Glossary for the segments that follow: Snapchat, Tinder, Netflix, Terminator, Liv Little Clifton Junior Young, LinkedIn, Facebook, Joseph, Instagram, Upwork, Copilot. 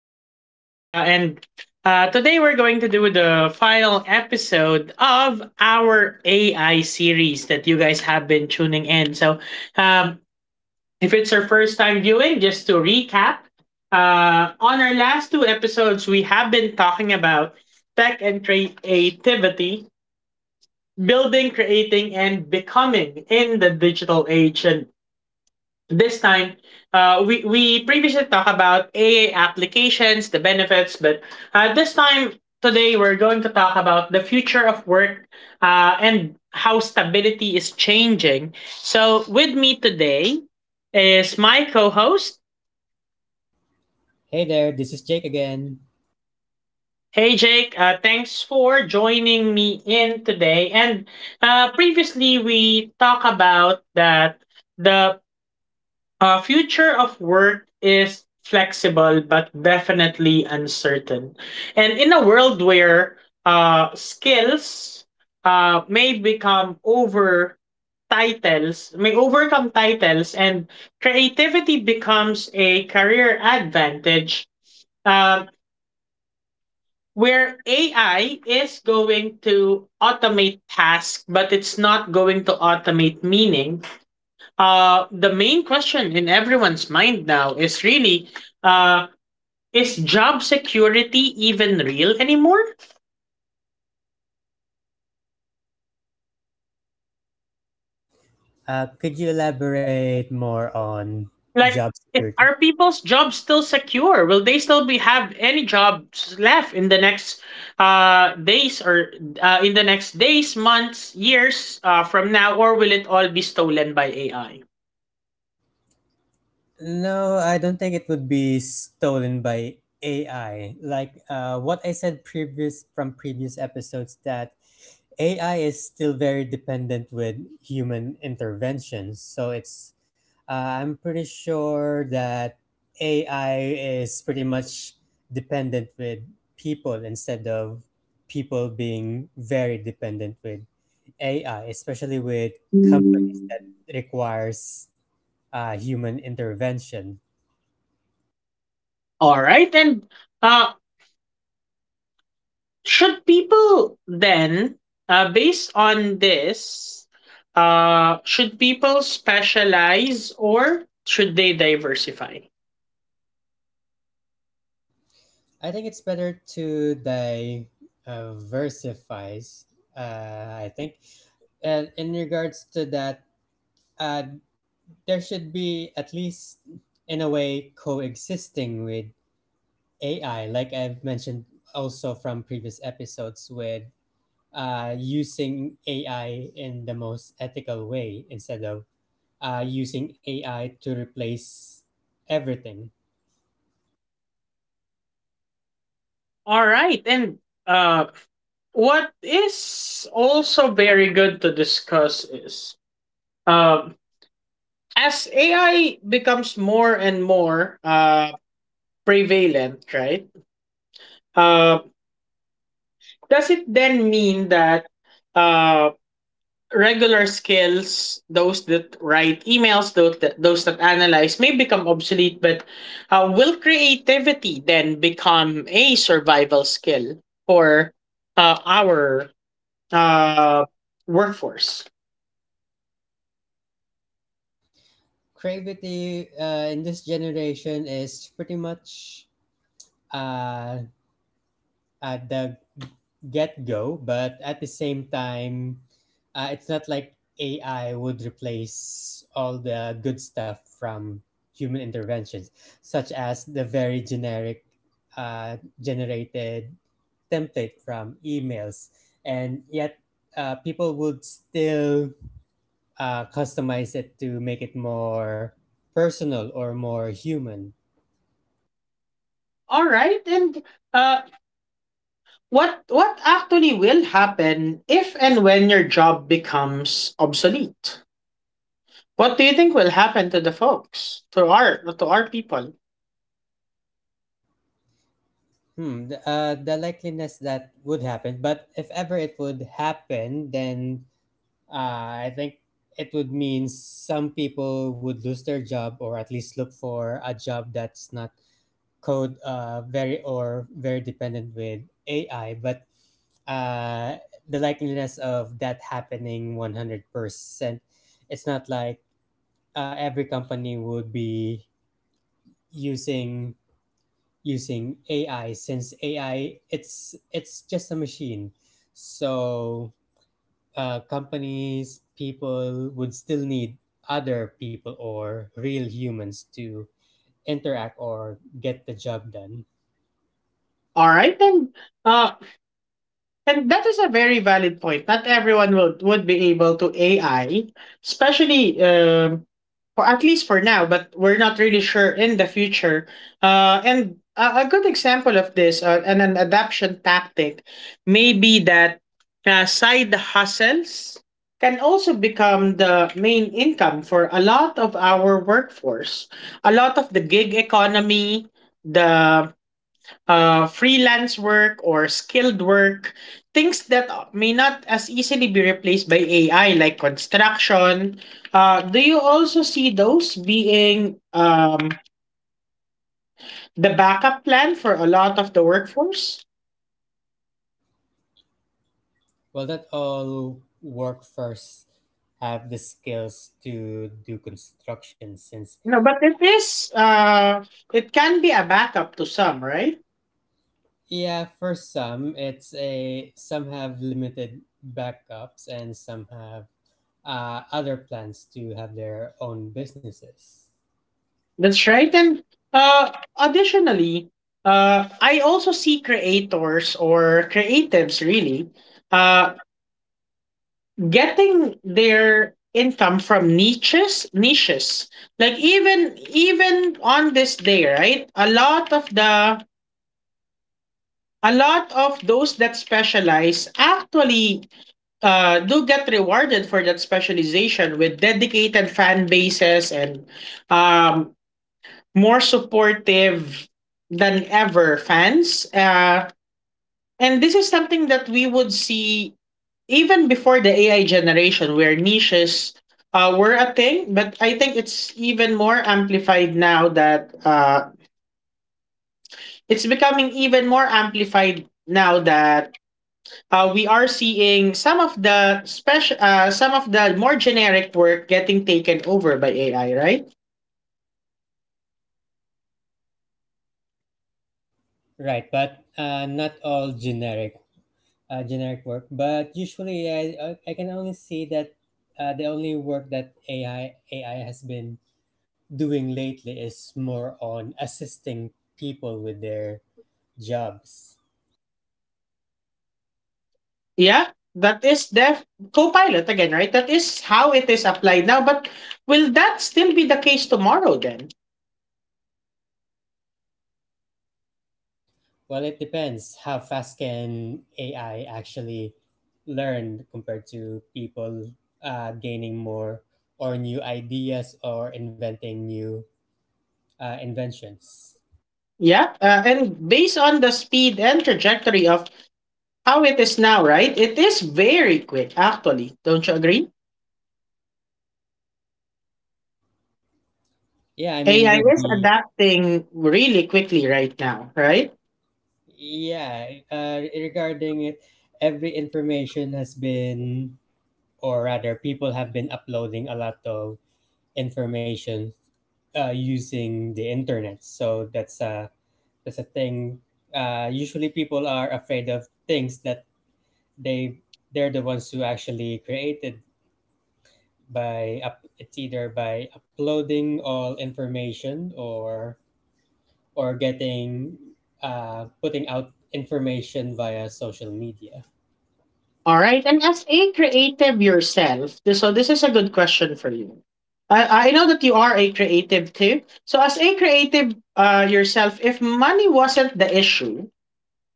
podcast. And today we're going to do the final episode of our AI series that you guys have been tuning in. Um, if it's your first time viewing, just to recap, on our last two episodes, we have been talking about tech and creativity, building, creating, and becoming in the digital age. And this time we previously talked about AI applications, the benefits, but this time today we're going to talk about the future of work and how stability is changing. So with me today is my co-host. Hey there, this is Jake again. Hey Jake, thanks for joining me in today. And previously we talked about that the future of work is flexible but definitely uncertain. And in a world where skills may become over titles may overcome titles, and creativity becomes a career advantage, um, where AI is going to automate tasks, but it's not going to automate meaning. Uh, the main question in everyone's mind now is really, uh, is job security even real anymore? Could you elaborate more on job Like, if, security? are people's jobs still secure? Will they still be have any jobs left in the next days or in the next days, months, years from now, or will it all be stolen by AI? No, I don't think it would be stolen by AI. Like what I said previous from previous episodes that AI is still very dependent with human interventions. So it's I'm pretty sure that AI is pretty much dependent with people instead of people being very dependent with AI, especially with companies that requires human intervention. All right. And uh, should people then, based on this, should people specialize or should they diversify? I think it's better to diversify. Versifies. I think, and in regards to that, uh, there should be at least in a way coexisting with AI, like I've mentioned also from previous episodes with using AI in the most ethical way instead of using AI to replace everything. All right. And uh, what is also very good to discuss is, uh, as AI becomes more and more prevalent, right? Uh, does it then mean that uh, regular skills, those that write emails, those that analyze, may become obsolete, but will creativity then become a survival skill for our uh, workforce? Creativity in this generation is pretty much uh, at the get go, but at the same time, it's not like AI would replace all the good stuff from human interventions, such as the very generic generated template from emails. And yet, people would still customize it to make it more personal or more human. All right, and uh, what actually will happen if and when your job becomes obsolete? What do you think will happen to the folks, to our people? The likeliness that would happen, but if ever it would happen, then I think it would mean some people would lose their job or at least look for a job that's not code very or very dependent with AI. But uh, the likeliness of that happening 100%, it's not like every company would be using using AI since AI it's just a machine. So companies, people would still need other people or real humans to interact or get the job done. All right then. Uh, And that is a very valid point. Not everyone would be able to AI, especially, for at least for now, but we're not really sure in the future. And a good example of this, and an adaption tactic may be that side hustles can also become the main income for a lot of our workforce. A lot of the gig economy, the freelance work or skilled work, things that may not as easily be replaced by AI, like construction. Do you also see those being, the backup plan for a lot of the workforce? Well, not all workforce have the skills to do construction since No, but it is. It can be a backup to some, right? yeah, for some it's a some have limited backups and some have other plans to have their own businesses. That's right. And uh, additionally, I also see creators or creatives really uh, getting their income from niches, like even even on this day, right? A lot of those that specialize actually do get rewarded for that specialization with dedicated fan bases and, um, more supportive than ever fans. Uh, and this is something that we would see even before the AI generation, where niches were a thing, but I think it's even more amplified now that it's becoming even more amplified now that we are seeing some of some of the more generic work getting taken over by AI, right? Right, but not all generic work. But usually, I can only see that the only work that AI has been doing lately is more on assisting people with their jobs. Yeah, that is def Copilot again, right? That is how it is applied now, but will that still be the case tomorrow then? Well, it depends how fast can AI actually learn compared to people gaining more or new ideas or inventing new inventions. Yeah, and based on the speed and trajectory of how it is now, right? It is very quick, actually. Don't you agree? Yeah, I mean AI with is the adapting really quickly right now, right? Yeah, regarding it, every information has been, or rather, people have been uploading a lot of information using the internet. So that's a thing. Usually, people are afraid of things that they they're the ones who actually created by up, it's either by uploading all information or getting putting out information via social media. All right. And as a creative yourself, so this is a good question for you. I know that you are a creative too. So, as a creative yourself, if money wasn't the issue,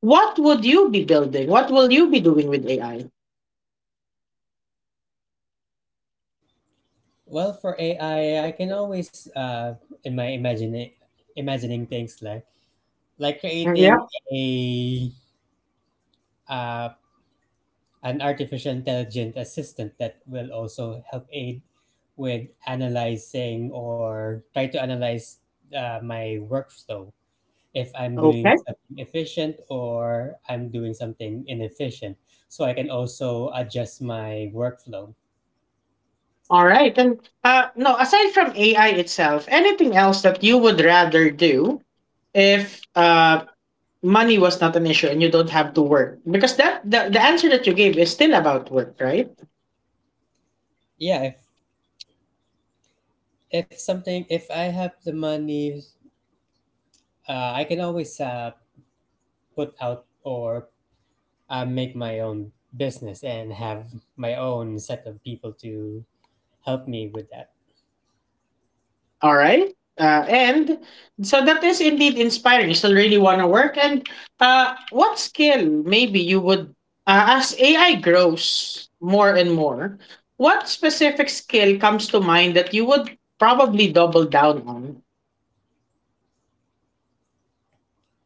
what would you be building? What will you be doing with AI? Well, for AI, I can always in my imagine imagining things like creating Yeah. a uh, an artificial intelligent assistant that will also help aid with analyzing or try to analyze my workflow if I'm doing Okay. something efficient or I'm doing something inefficient. So I can also adjust my workflow. All right. And no, aside from AI itself, anything else that you would rather do if money was not an issue and you don't have to work, because the answer that you gave is still about work, right? Yeah, if something if I have the money, I can always put out or make my own business and have my own set of people to help me with that. All right. And so that is indeed inspiring. You still really want to work. And what skill maybe you would, as AI grows more and more, what specific skill comes to mind that you would probably double down on?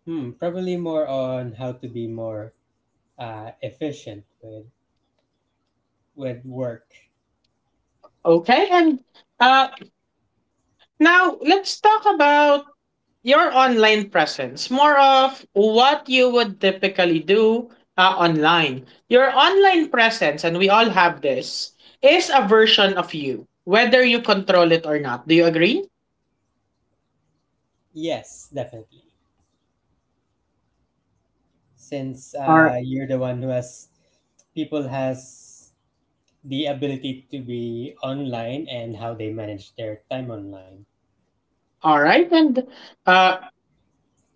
Hmm, probably more on how to be more efficient with work. Okay. And uh, now, let's talk about your online presence. More of what you would typically do online. Your online presence, and we all have this, is a version of you, whether you control it or not. Do you agree? Yes, definitely. Since All right. uh, you're the one who has people has the ability to be online and how they manage their time online. All right. And uh,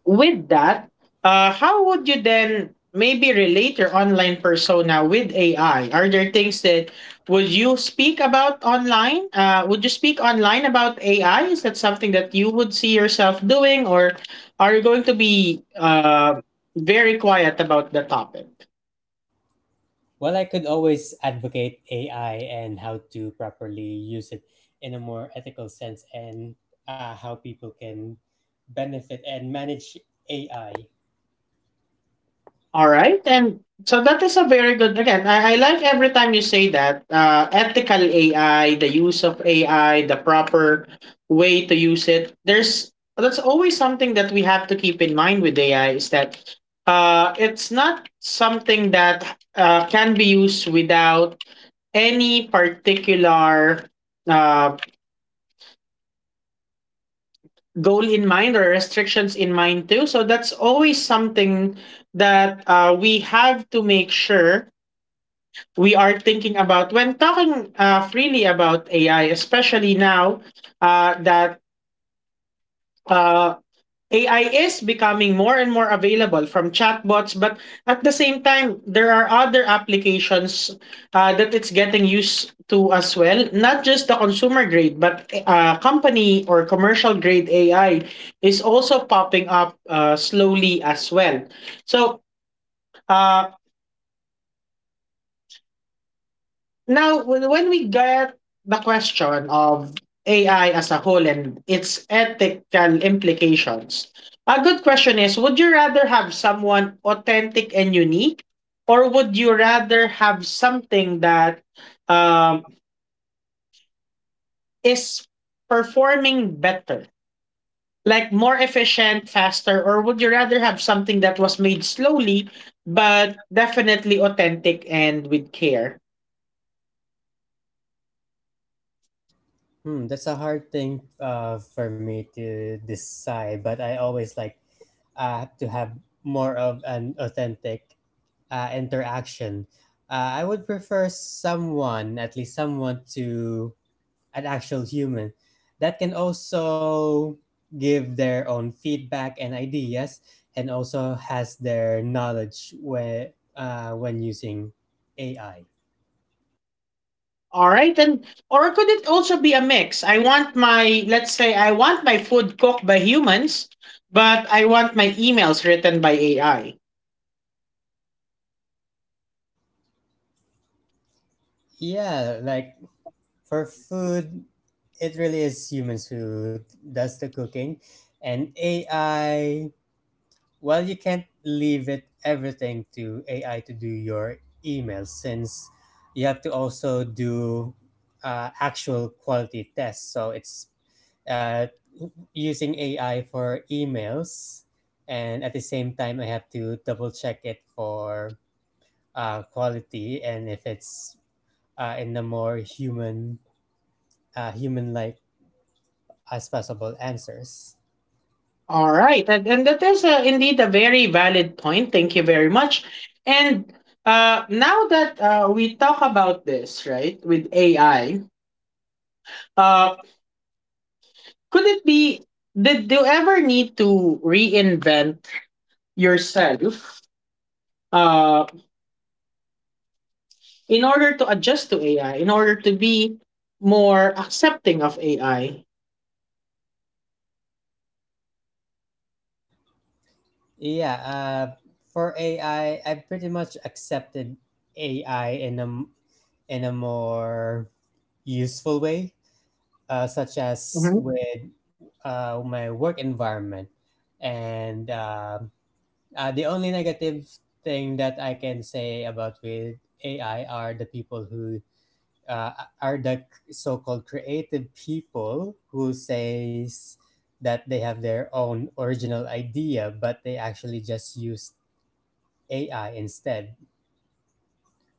with that, how would you then maybe relate your online persona with AI? Are there things that, would you speak about online? Would you speak online about AI? Is that something that you would see yourself doing, or are you going to be very quiet about the topic? Well, I could always advocate AI and how to properly use it in a more ethical sense and how people can benefit and manage AI. All right. And so that is a very good, again, I like every time you say that ethical AI, the use of AI, the proper way to use it. That's always something that we have to keep in mind with AI, is that it's not something that can be used without any particular uh, goal in mind or restrictions in mind too. So that's always something that we have to make sure we are thinking about when talking freely about AI, especially now that uh, AI is becoming more and more available from chatbots. But at the same time, there are other applications that it's getting used to as well. Not just the consumer grade, but company or commercial grade AI is also popping up slowly as well. So, uh, now, when we get the question of AI as a whole and its ethical implications, a good question is, would you rather have someone authentic and unique, or would you rather have something that, um, is performing better? Like more efficient, faster, or would you rather have something that was made slowly but definitely authentic and with care? Hmm, that's a hard thing for me to decide, but I always like to have more of an authentic interaction. I would prefer someone, at least someone, to an actual human that can also give their own feedback and ideas, and also has their knowledge when using AI. All right, and, or could it also be a mix? I want my, let's say, I want my food cooked by humans, but I want my emails written by AI. Yeah, like for food, it really is humans who does the cooking, and AI. Well, you can't leave it everything to AI to do your emails since you have to also do actual quality tests. So it's uh, using AI for emails, and at the same time, I have to double check it for quality and if it's in the more human, human-like as possible answers. And that is indeed a very valid point. Thank you very much. And now that we talk about this, right, with AI, Uh, could it be? Did you ever need to reinvent yourself uh, in order to adjust to AI, in order to be more accepting of AI? Yeah, for AI, I pretty much accepted AI in a more useful way, such as Mhm. with my work environment. And the only negative thing that I can say about with AI are the people who are the so-called creative people who says that they have their own original idea, but they actually just use AI instead,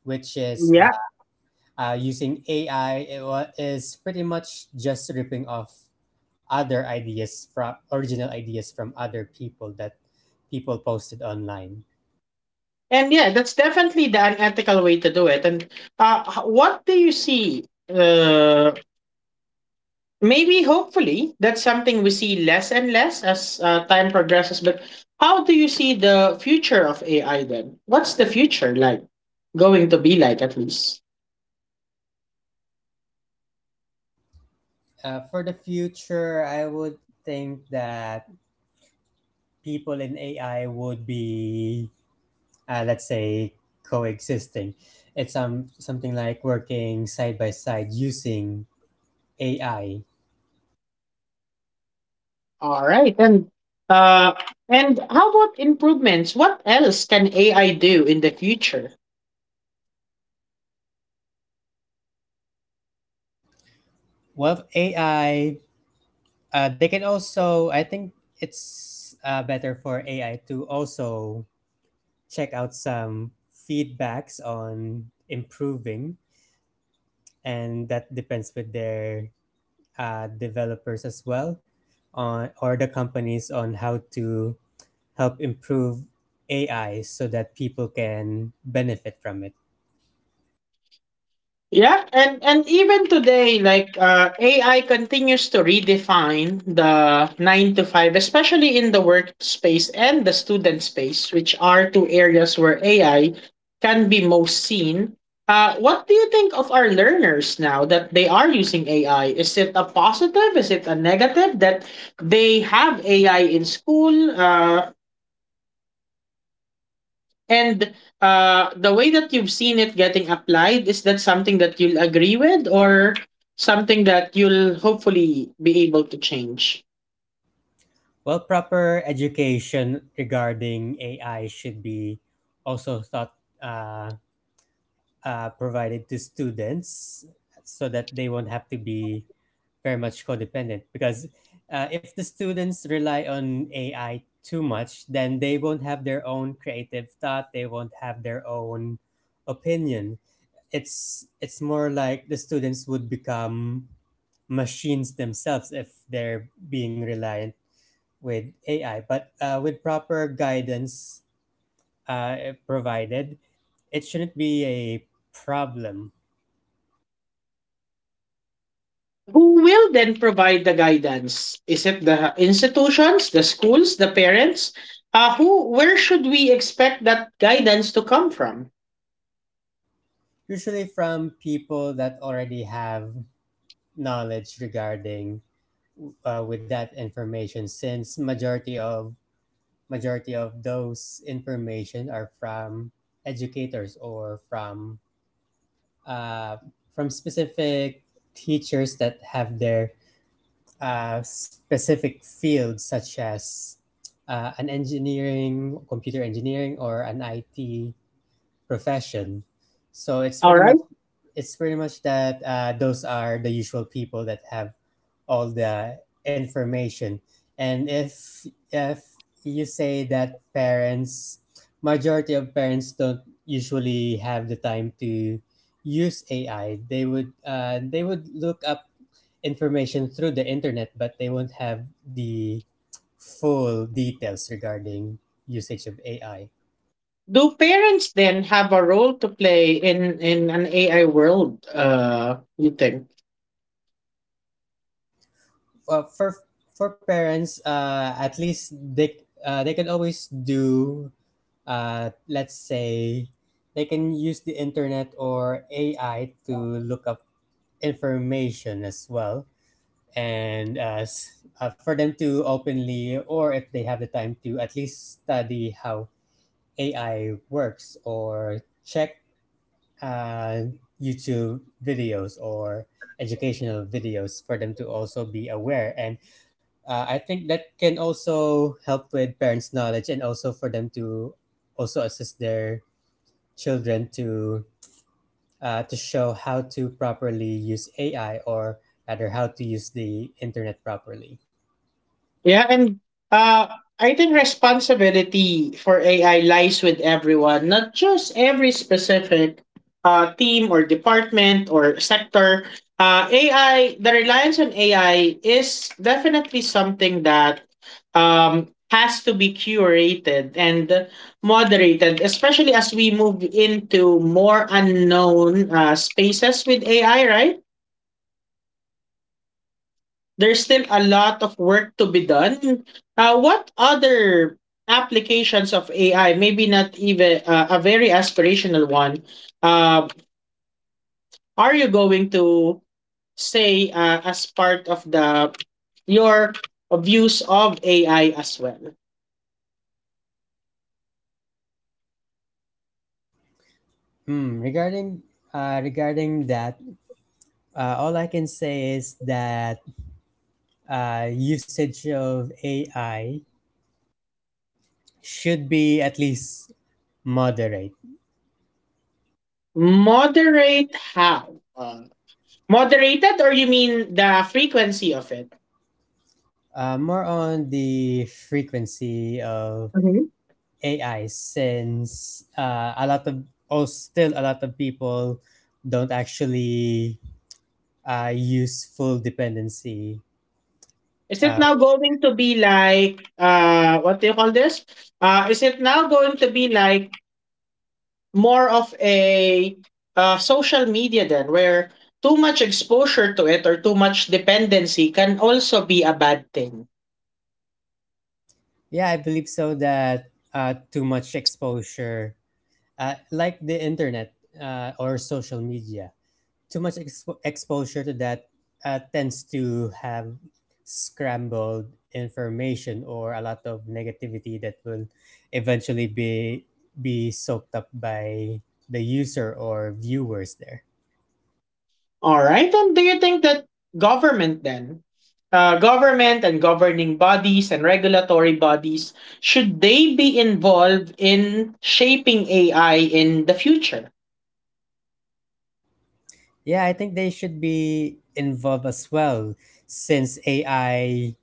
which is uh, Yeah. uh, using AI is pretty much just ripping off other ideas from original ideas from other people that people posted online. And yeah, that's definitely the unethical way to do it. And what do you see? Maybe hopefully that's something we see less and less as time progresses, but how do you see the future of AI then? What's the future like going to be like, at least? For the future, I would think that people in AI would be, let's say, coexisting. It's something like working side by side using AI. All right. Uh and how about improvements? What else can AI do in the future? Well, AI. They can also, I think it's better for AI to also check out some feedbacks on improving, and that depends with their developers as well, on or the companies on how to help improve AI so that people can benefit from it. Yeah, and even today, like AI continues to redefine the 9 to 5, especially in the workspace and the student space, which are two areas where AI can be most seen. What do you think of our learners now that they are using AI? Is it a positive? Is it a negative that they have AI in school? And the way that you've seen it getting applied, is that something that you'll agree with, or something that you'll hopefully be able to change? Well, proper education regarding AI should be also thought. Provided to students so that they won't have to be very much codependent because if the students rely on ai too much then they won't have their own creative thought. They won't have their own opinion. It's more like the students would become machines themselves if they're being reliant with ai. But with proper guidance provided, it shouldn't be a problem. Who will then provide the guidance? Is it the institutions, the schools, the parents? Who, where should we expect that guidance to come from? Usually from people that already have knowledge regarding with that information, since majority of those information are from educators or uh, from specific teachers that have their specific fields such as an engineering, computer engineering or an IT profession. So it's All pretty right. much that those are the usual people that have all the information. And if you say that parents, majority of parents don't usually have the time to use ai, they would look up information through the internet, but they won't have the full details regarding usage of ai. Do parents then have a role to play in an AI world? You think? for for, for parents, at least they can always do, let's say, they can use the internet or AI to look up information as well, and for them to openly or if they have the time to at least study how AI works or check uh, YouTube videos or educational videos for them to also be aware. And I think that can also help with parents' knowledge and also for them to also assist their children to show how to properly use AI or rather how to use the internet properly. Yeah, and uh, I think responsibility for AI lies with everyone, not just every specific team or department or sector. AI, the reliance on AI is definitely something that, has to be curated and moderated, especially as we move into more unknown spaces with AI, right? There's still a lot of work to be done. What other applications of AI, maybe not even a very aspirational one, uh, are you going to say as part of the your views of AI as well? Hmm. Regarding that, all I can say is that usage of AI should be at least moderate. Moderate how? Moderated, or you mean the frequency of it? More on the frequency of AI, since a lot of, oh, still a lot of people don't actually use full dependency. Is it Uh, now going to be like, what do you call this? Uh, is it now going to be like more of a, social media then, where too much exposure to it or too much dependency can also be a bad thing. yeah, I believe so that too much exposure, like the internet or social media, too much exposure to that tends to have scrambled information or a lot of negativity that will eventually be soaked up by the user or viewers there. All right. And do you think that government then government and governing bodies and regulatory bodies, should they be involved in shaping AI in the future? Yeah, I think they should be involved as well since AI,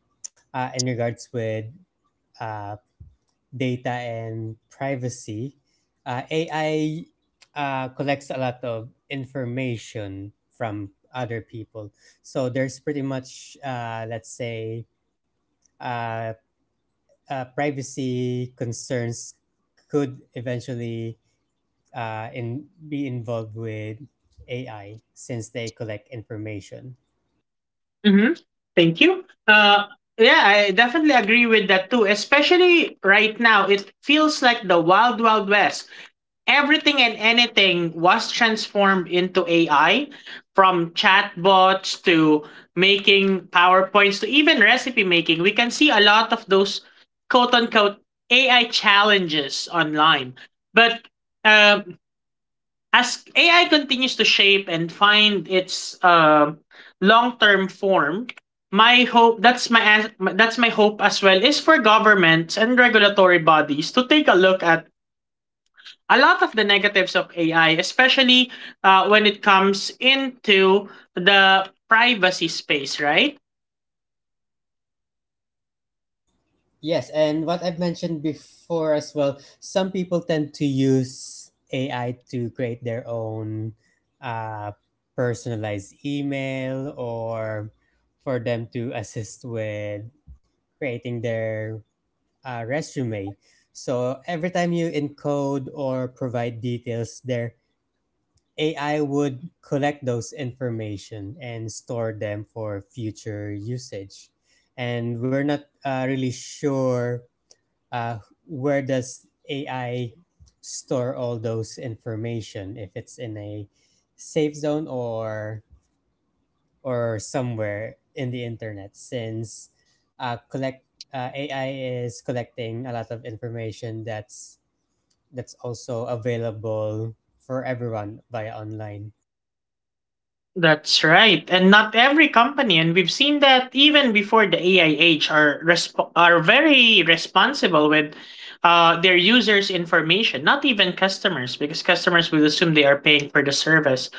in regards with uh, data and privacy, AI collects a lot of information from other people. So there's pretty much, let's say, uh, privacy concerns could eventually be involved with AI since they collect information. Mm-hmm. Thank you. Yeah, I definitely agree with that too. Especially right now, it feels like the wild, wild west. Everything and anything was transformed into AI, from chatbots to making powerpoints to even recipe making. We can see a lot of those quote unquote AI challenges online. But um as AI continues to shape and find its long-term form, my hope that's my as- that's my hope as well, is for governments and regulatory bodies to take a look at a lot of the negatives of AI, especially when it comes into the privacy space, right? Yes, and what I've mentioned before as well, some people tend to use AI to create their own uh, personalized email or for them to assist with creating their resume. So every time you encode or provide details there, AI would collect those information and store them for future usage. And we're not really sure uh, where does AI store all those information if it's in a safe zone or somewhere in the internet since collect AI is collecting a lot of information that's also available for everyone via online. That's right. And not every company, and we've seen that even before, the AIH are very responsible with their users' information, not even customers, because customers will assume they are paying for the service.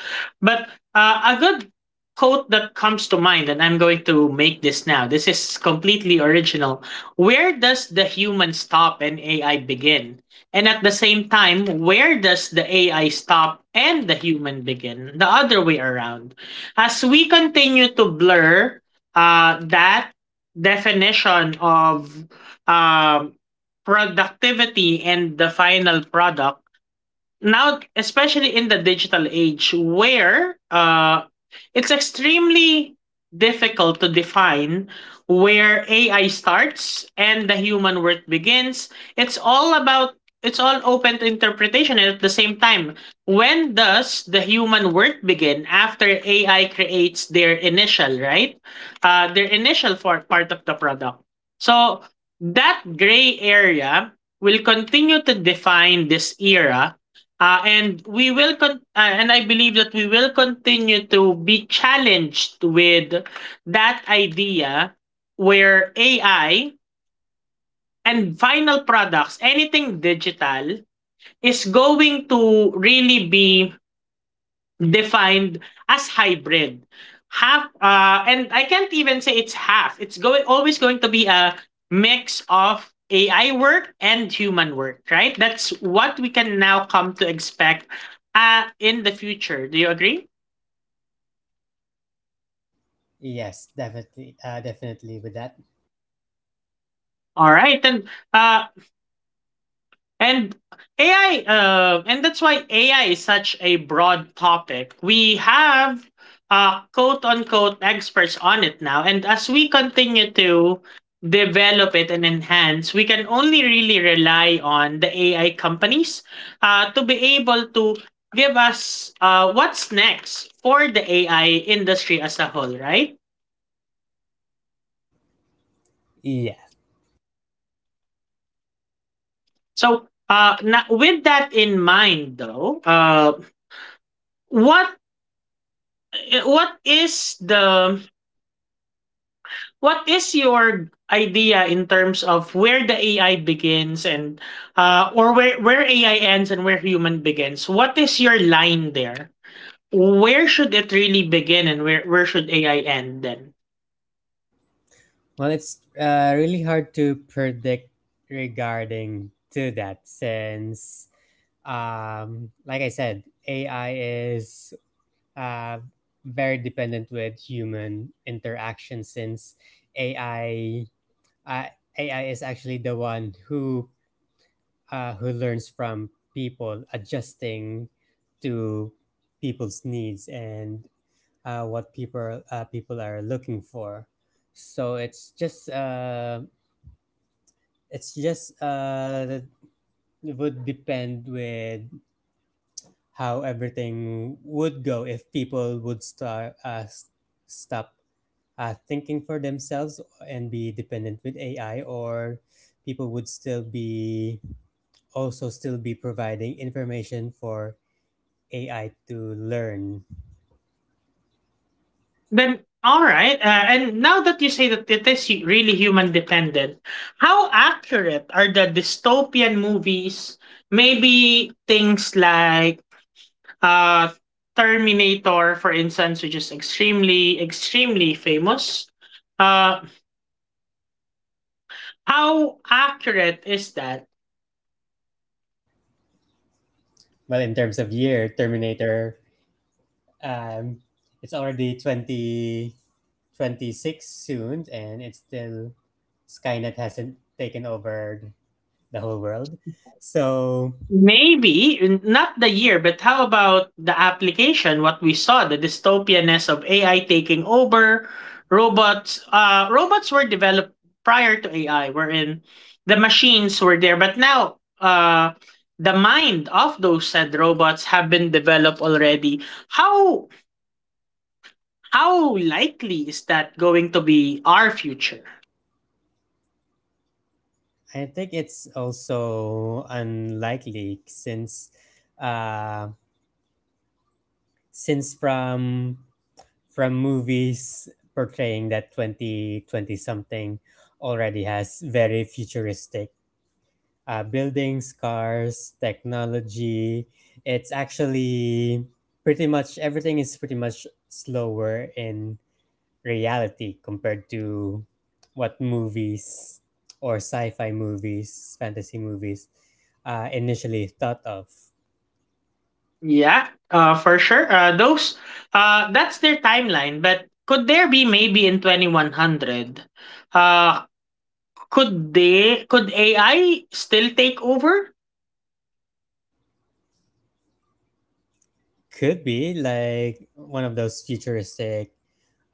But a good quote that comes to mind, and I'm going to make this now. This is completely original. Where does the human stop and AI begin? And at the same time, where does the AI stop and the human begin? The other way around. As we continue to blur that definition of um, productivity and the final product, now especially in the digital age where it's extremely difficult to define where AI starts and the human work begins. It's all open to interpretation, and at the same time, when does the human work begin after AI creates their initial right their initial for part of the product? So that gray area will continue to define this era. And I believe that we will continue to be challenged with that idea, where AI and final products, anything digital, is going to really be defined as hybrid. And I can't even say it's half. It's going always going to be a mix of AI work and human work, right? That's what we can now come to expect in the future. Do you agree? Yes, definitely, definitely with that. All right, and uh, And AI, and that's why AI is such a broad topic. We have quote unquote experts on it now. And as we continue to develop it and enhance, we can only really rely on the AI companies to be able to give us what's next for the AI industry as a whole, right? Yeah. So with that in mind, though, what eh, what is the what is your idea in terms of where the AI begins and or where AI ends and where human begins? What is your line there? Where should it really begin, and where should AI end then? Well, it's really hard to predict regarding to that since like I said, AI is uh, very dependent with human interaction since AI uh, AI is actually the one who learns from people, adjusting to people's needs and what people are looking for. So it's just uh, it would depend with how everything would go if people would start stop thinking for themselves and be dependent with AI, or people would still be also still be providing information for AI to learn. All right. And now that you say that it is really human dependent, how accurate are the dystopian movies? Maybe things like uh Terminator, for instance, which is extremely, extremely famous. Uh, how accurate is that? Well, in terms of year, Terminator, um, it's already 2026 soon, and it's still Skynet hasn't taken over the whole world. So Maybe not the year, but how about the application? What we saw, the dystopianness of AI taking over, robots. Robots were developed prior to AI, wherein the machines were there, but now the mind of those said robots have been developed already. How how likely is that going to be our future? I think it's also unlikely uh since from movies portraying that 2020 something already has very futuristic buildings, cars, technology. It's actually pretty much everything is pretty much slower in reality compared to what movies or sci-fi movies, fantasy movies initially thought of. Yeah, for sure. That's their timeline. But could there be maybe in 2100? Uh, could they? Could AI still take over? Could be like one of those futuristic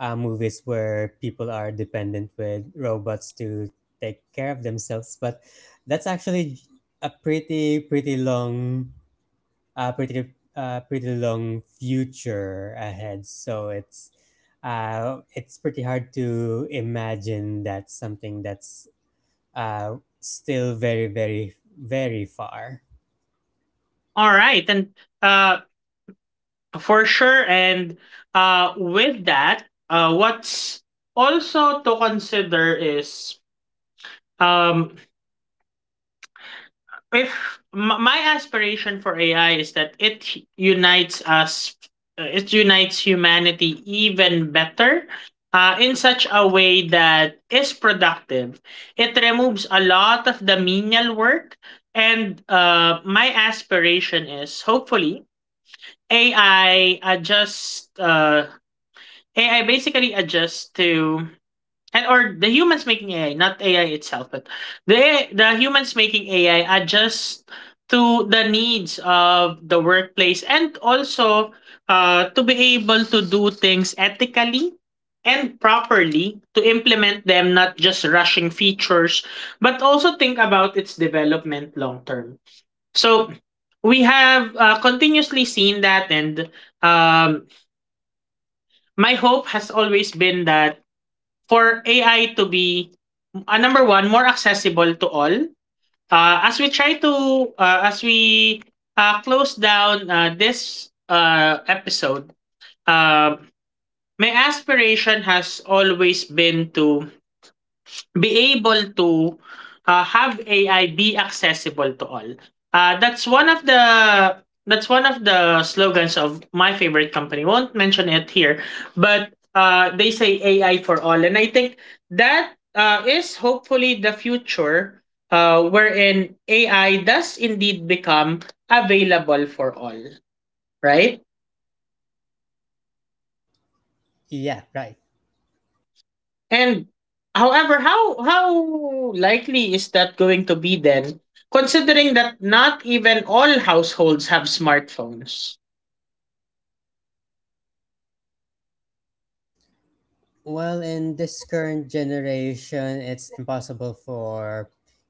movies where people are dependent with robots to take care of themselves, but that's actually a pretty pretty long a pretty pretty long future ahead. So it's pretty hard to imagine that something that's still very very very far. All right, and uh, for sure. And with that, what's also to consider is um if my aspiration for AI is that it unites us, it unites humanity even better. In such a way that is productive. It removes a lot of the menial work. And My aspiration is hopefully AI basically adjusts to, and or, the humans making AI, not AI itself, but the humans making AI adjust to the needs of the workplace, and also to be able to do things ethically and properly, to implement them, not just rushing features, but also think about its development long term. So we have continuously seen that. And um, my hope has always been that for AI to be number one, more accessible to all. As we close down this episode, uh, my aspiration has always been to be able to have AI be accessible to all. Uh, that's one of the that's one of the slogans of my favorite company. Won't mention it here, but they say AI for all, and I think that is hopefully the future. Wherein AI does indeed become available for all, right? Yeah, right. And however, how likely is that going to be then, considering that not even all households have smartphones? Well, in this current generation, it's impossible for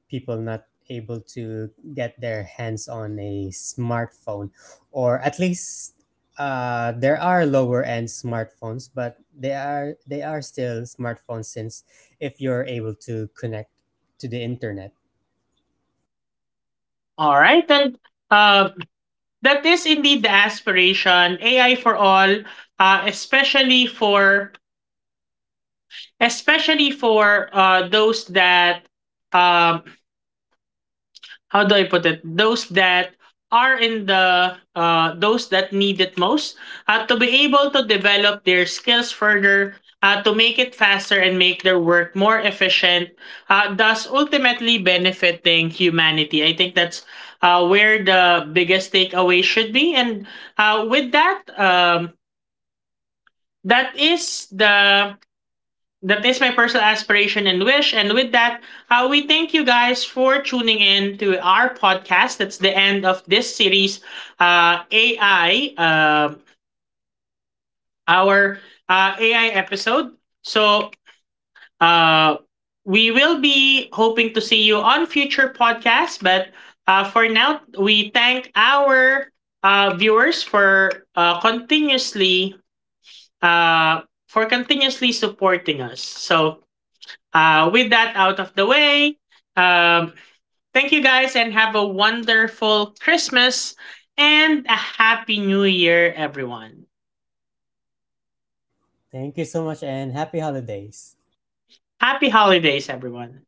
people not able to get their hands on a smartphone, or at least there are lower end smartphones, but they are still smartphones since if you're able to connect to the internet. All right, and uh, that is indeed the aspiration, AI for all, uh, especially for especially for those that um how do I put it? Those that are in the those that need it most, to be able to develop their skills further, to make it faster and make their work more efficient, thus ultimately benefiting humanity. I think that's where the biggest takeaway should be. And with that, that is the that is my personal aspiration and wish. And with that, we thank you guys for tuning in to our podcast. That's the end of this series, uh, AI, uh, our uh, AI episode. So uh, we will be hoping to see you on future podcasts. But for now, we thank our viewers for continuously uh, for continuously supporting us. So with that out of the way, um, thank you guys and have a wonderful Christmas and a happy new year, everyone. Thank you so much and happy holidays. Happy holidays, everyone.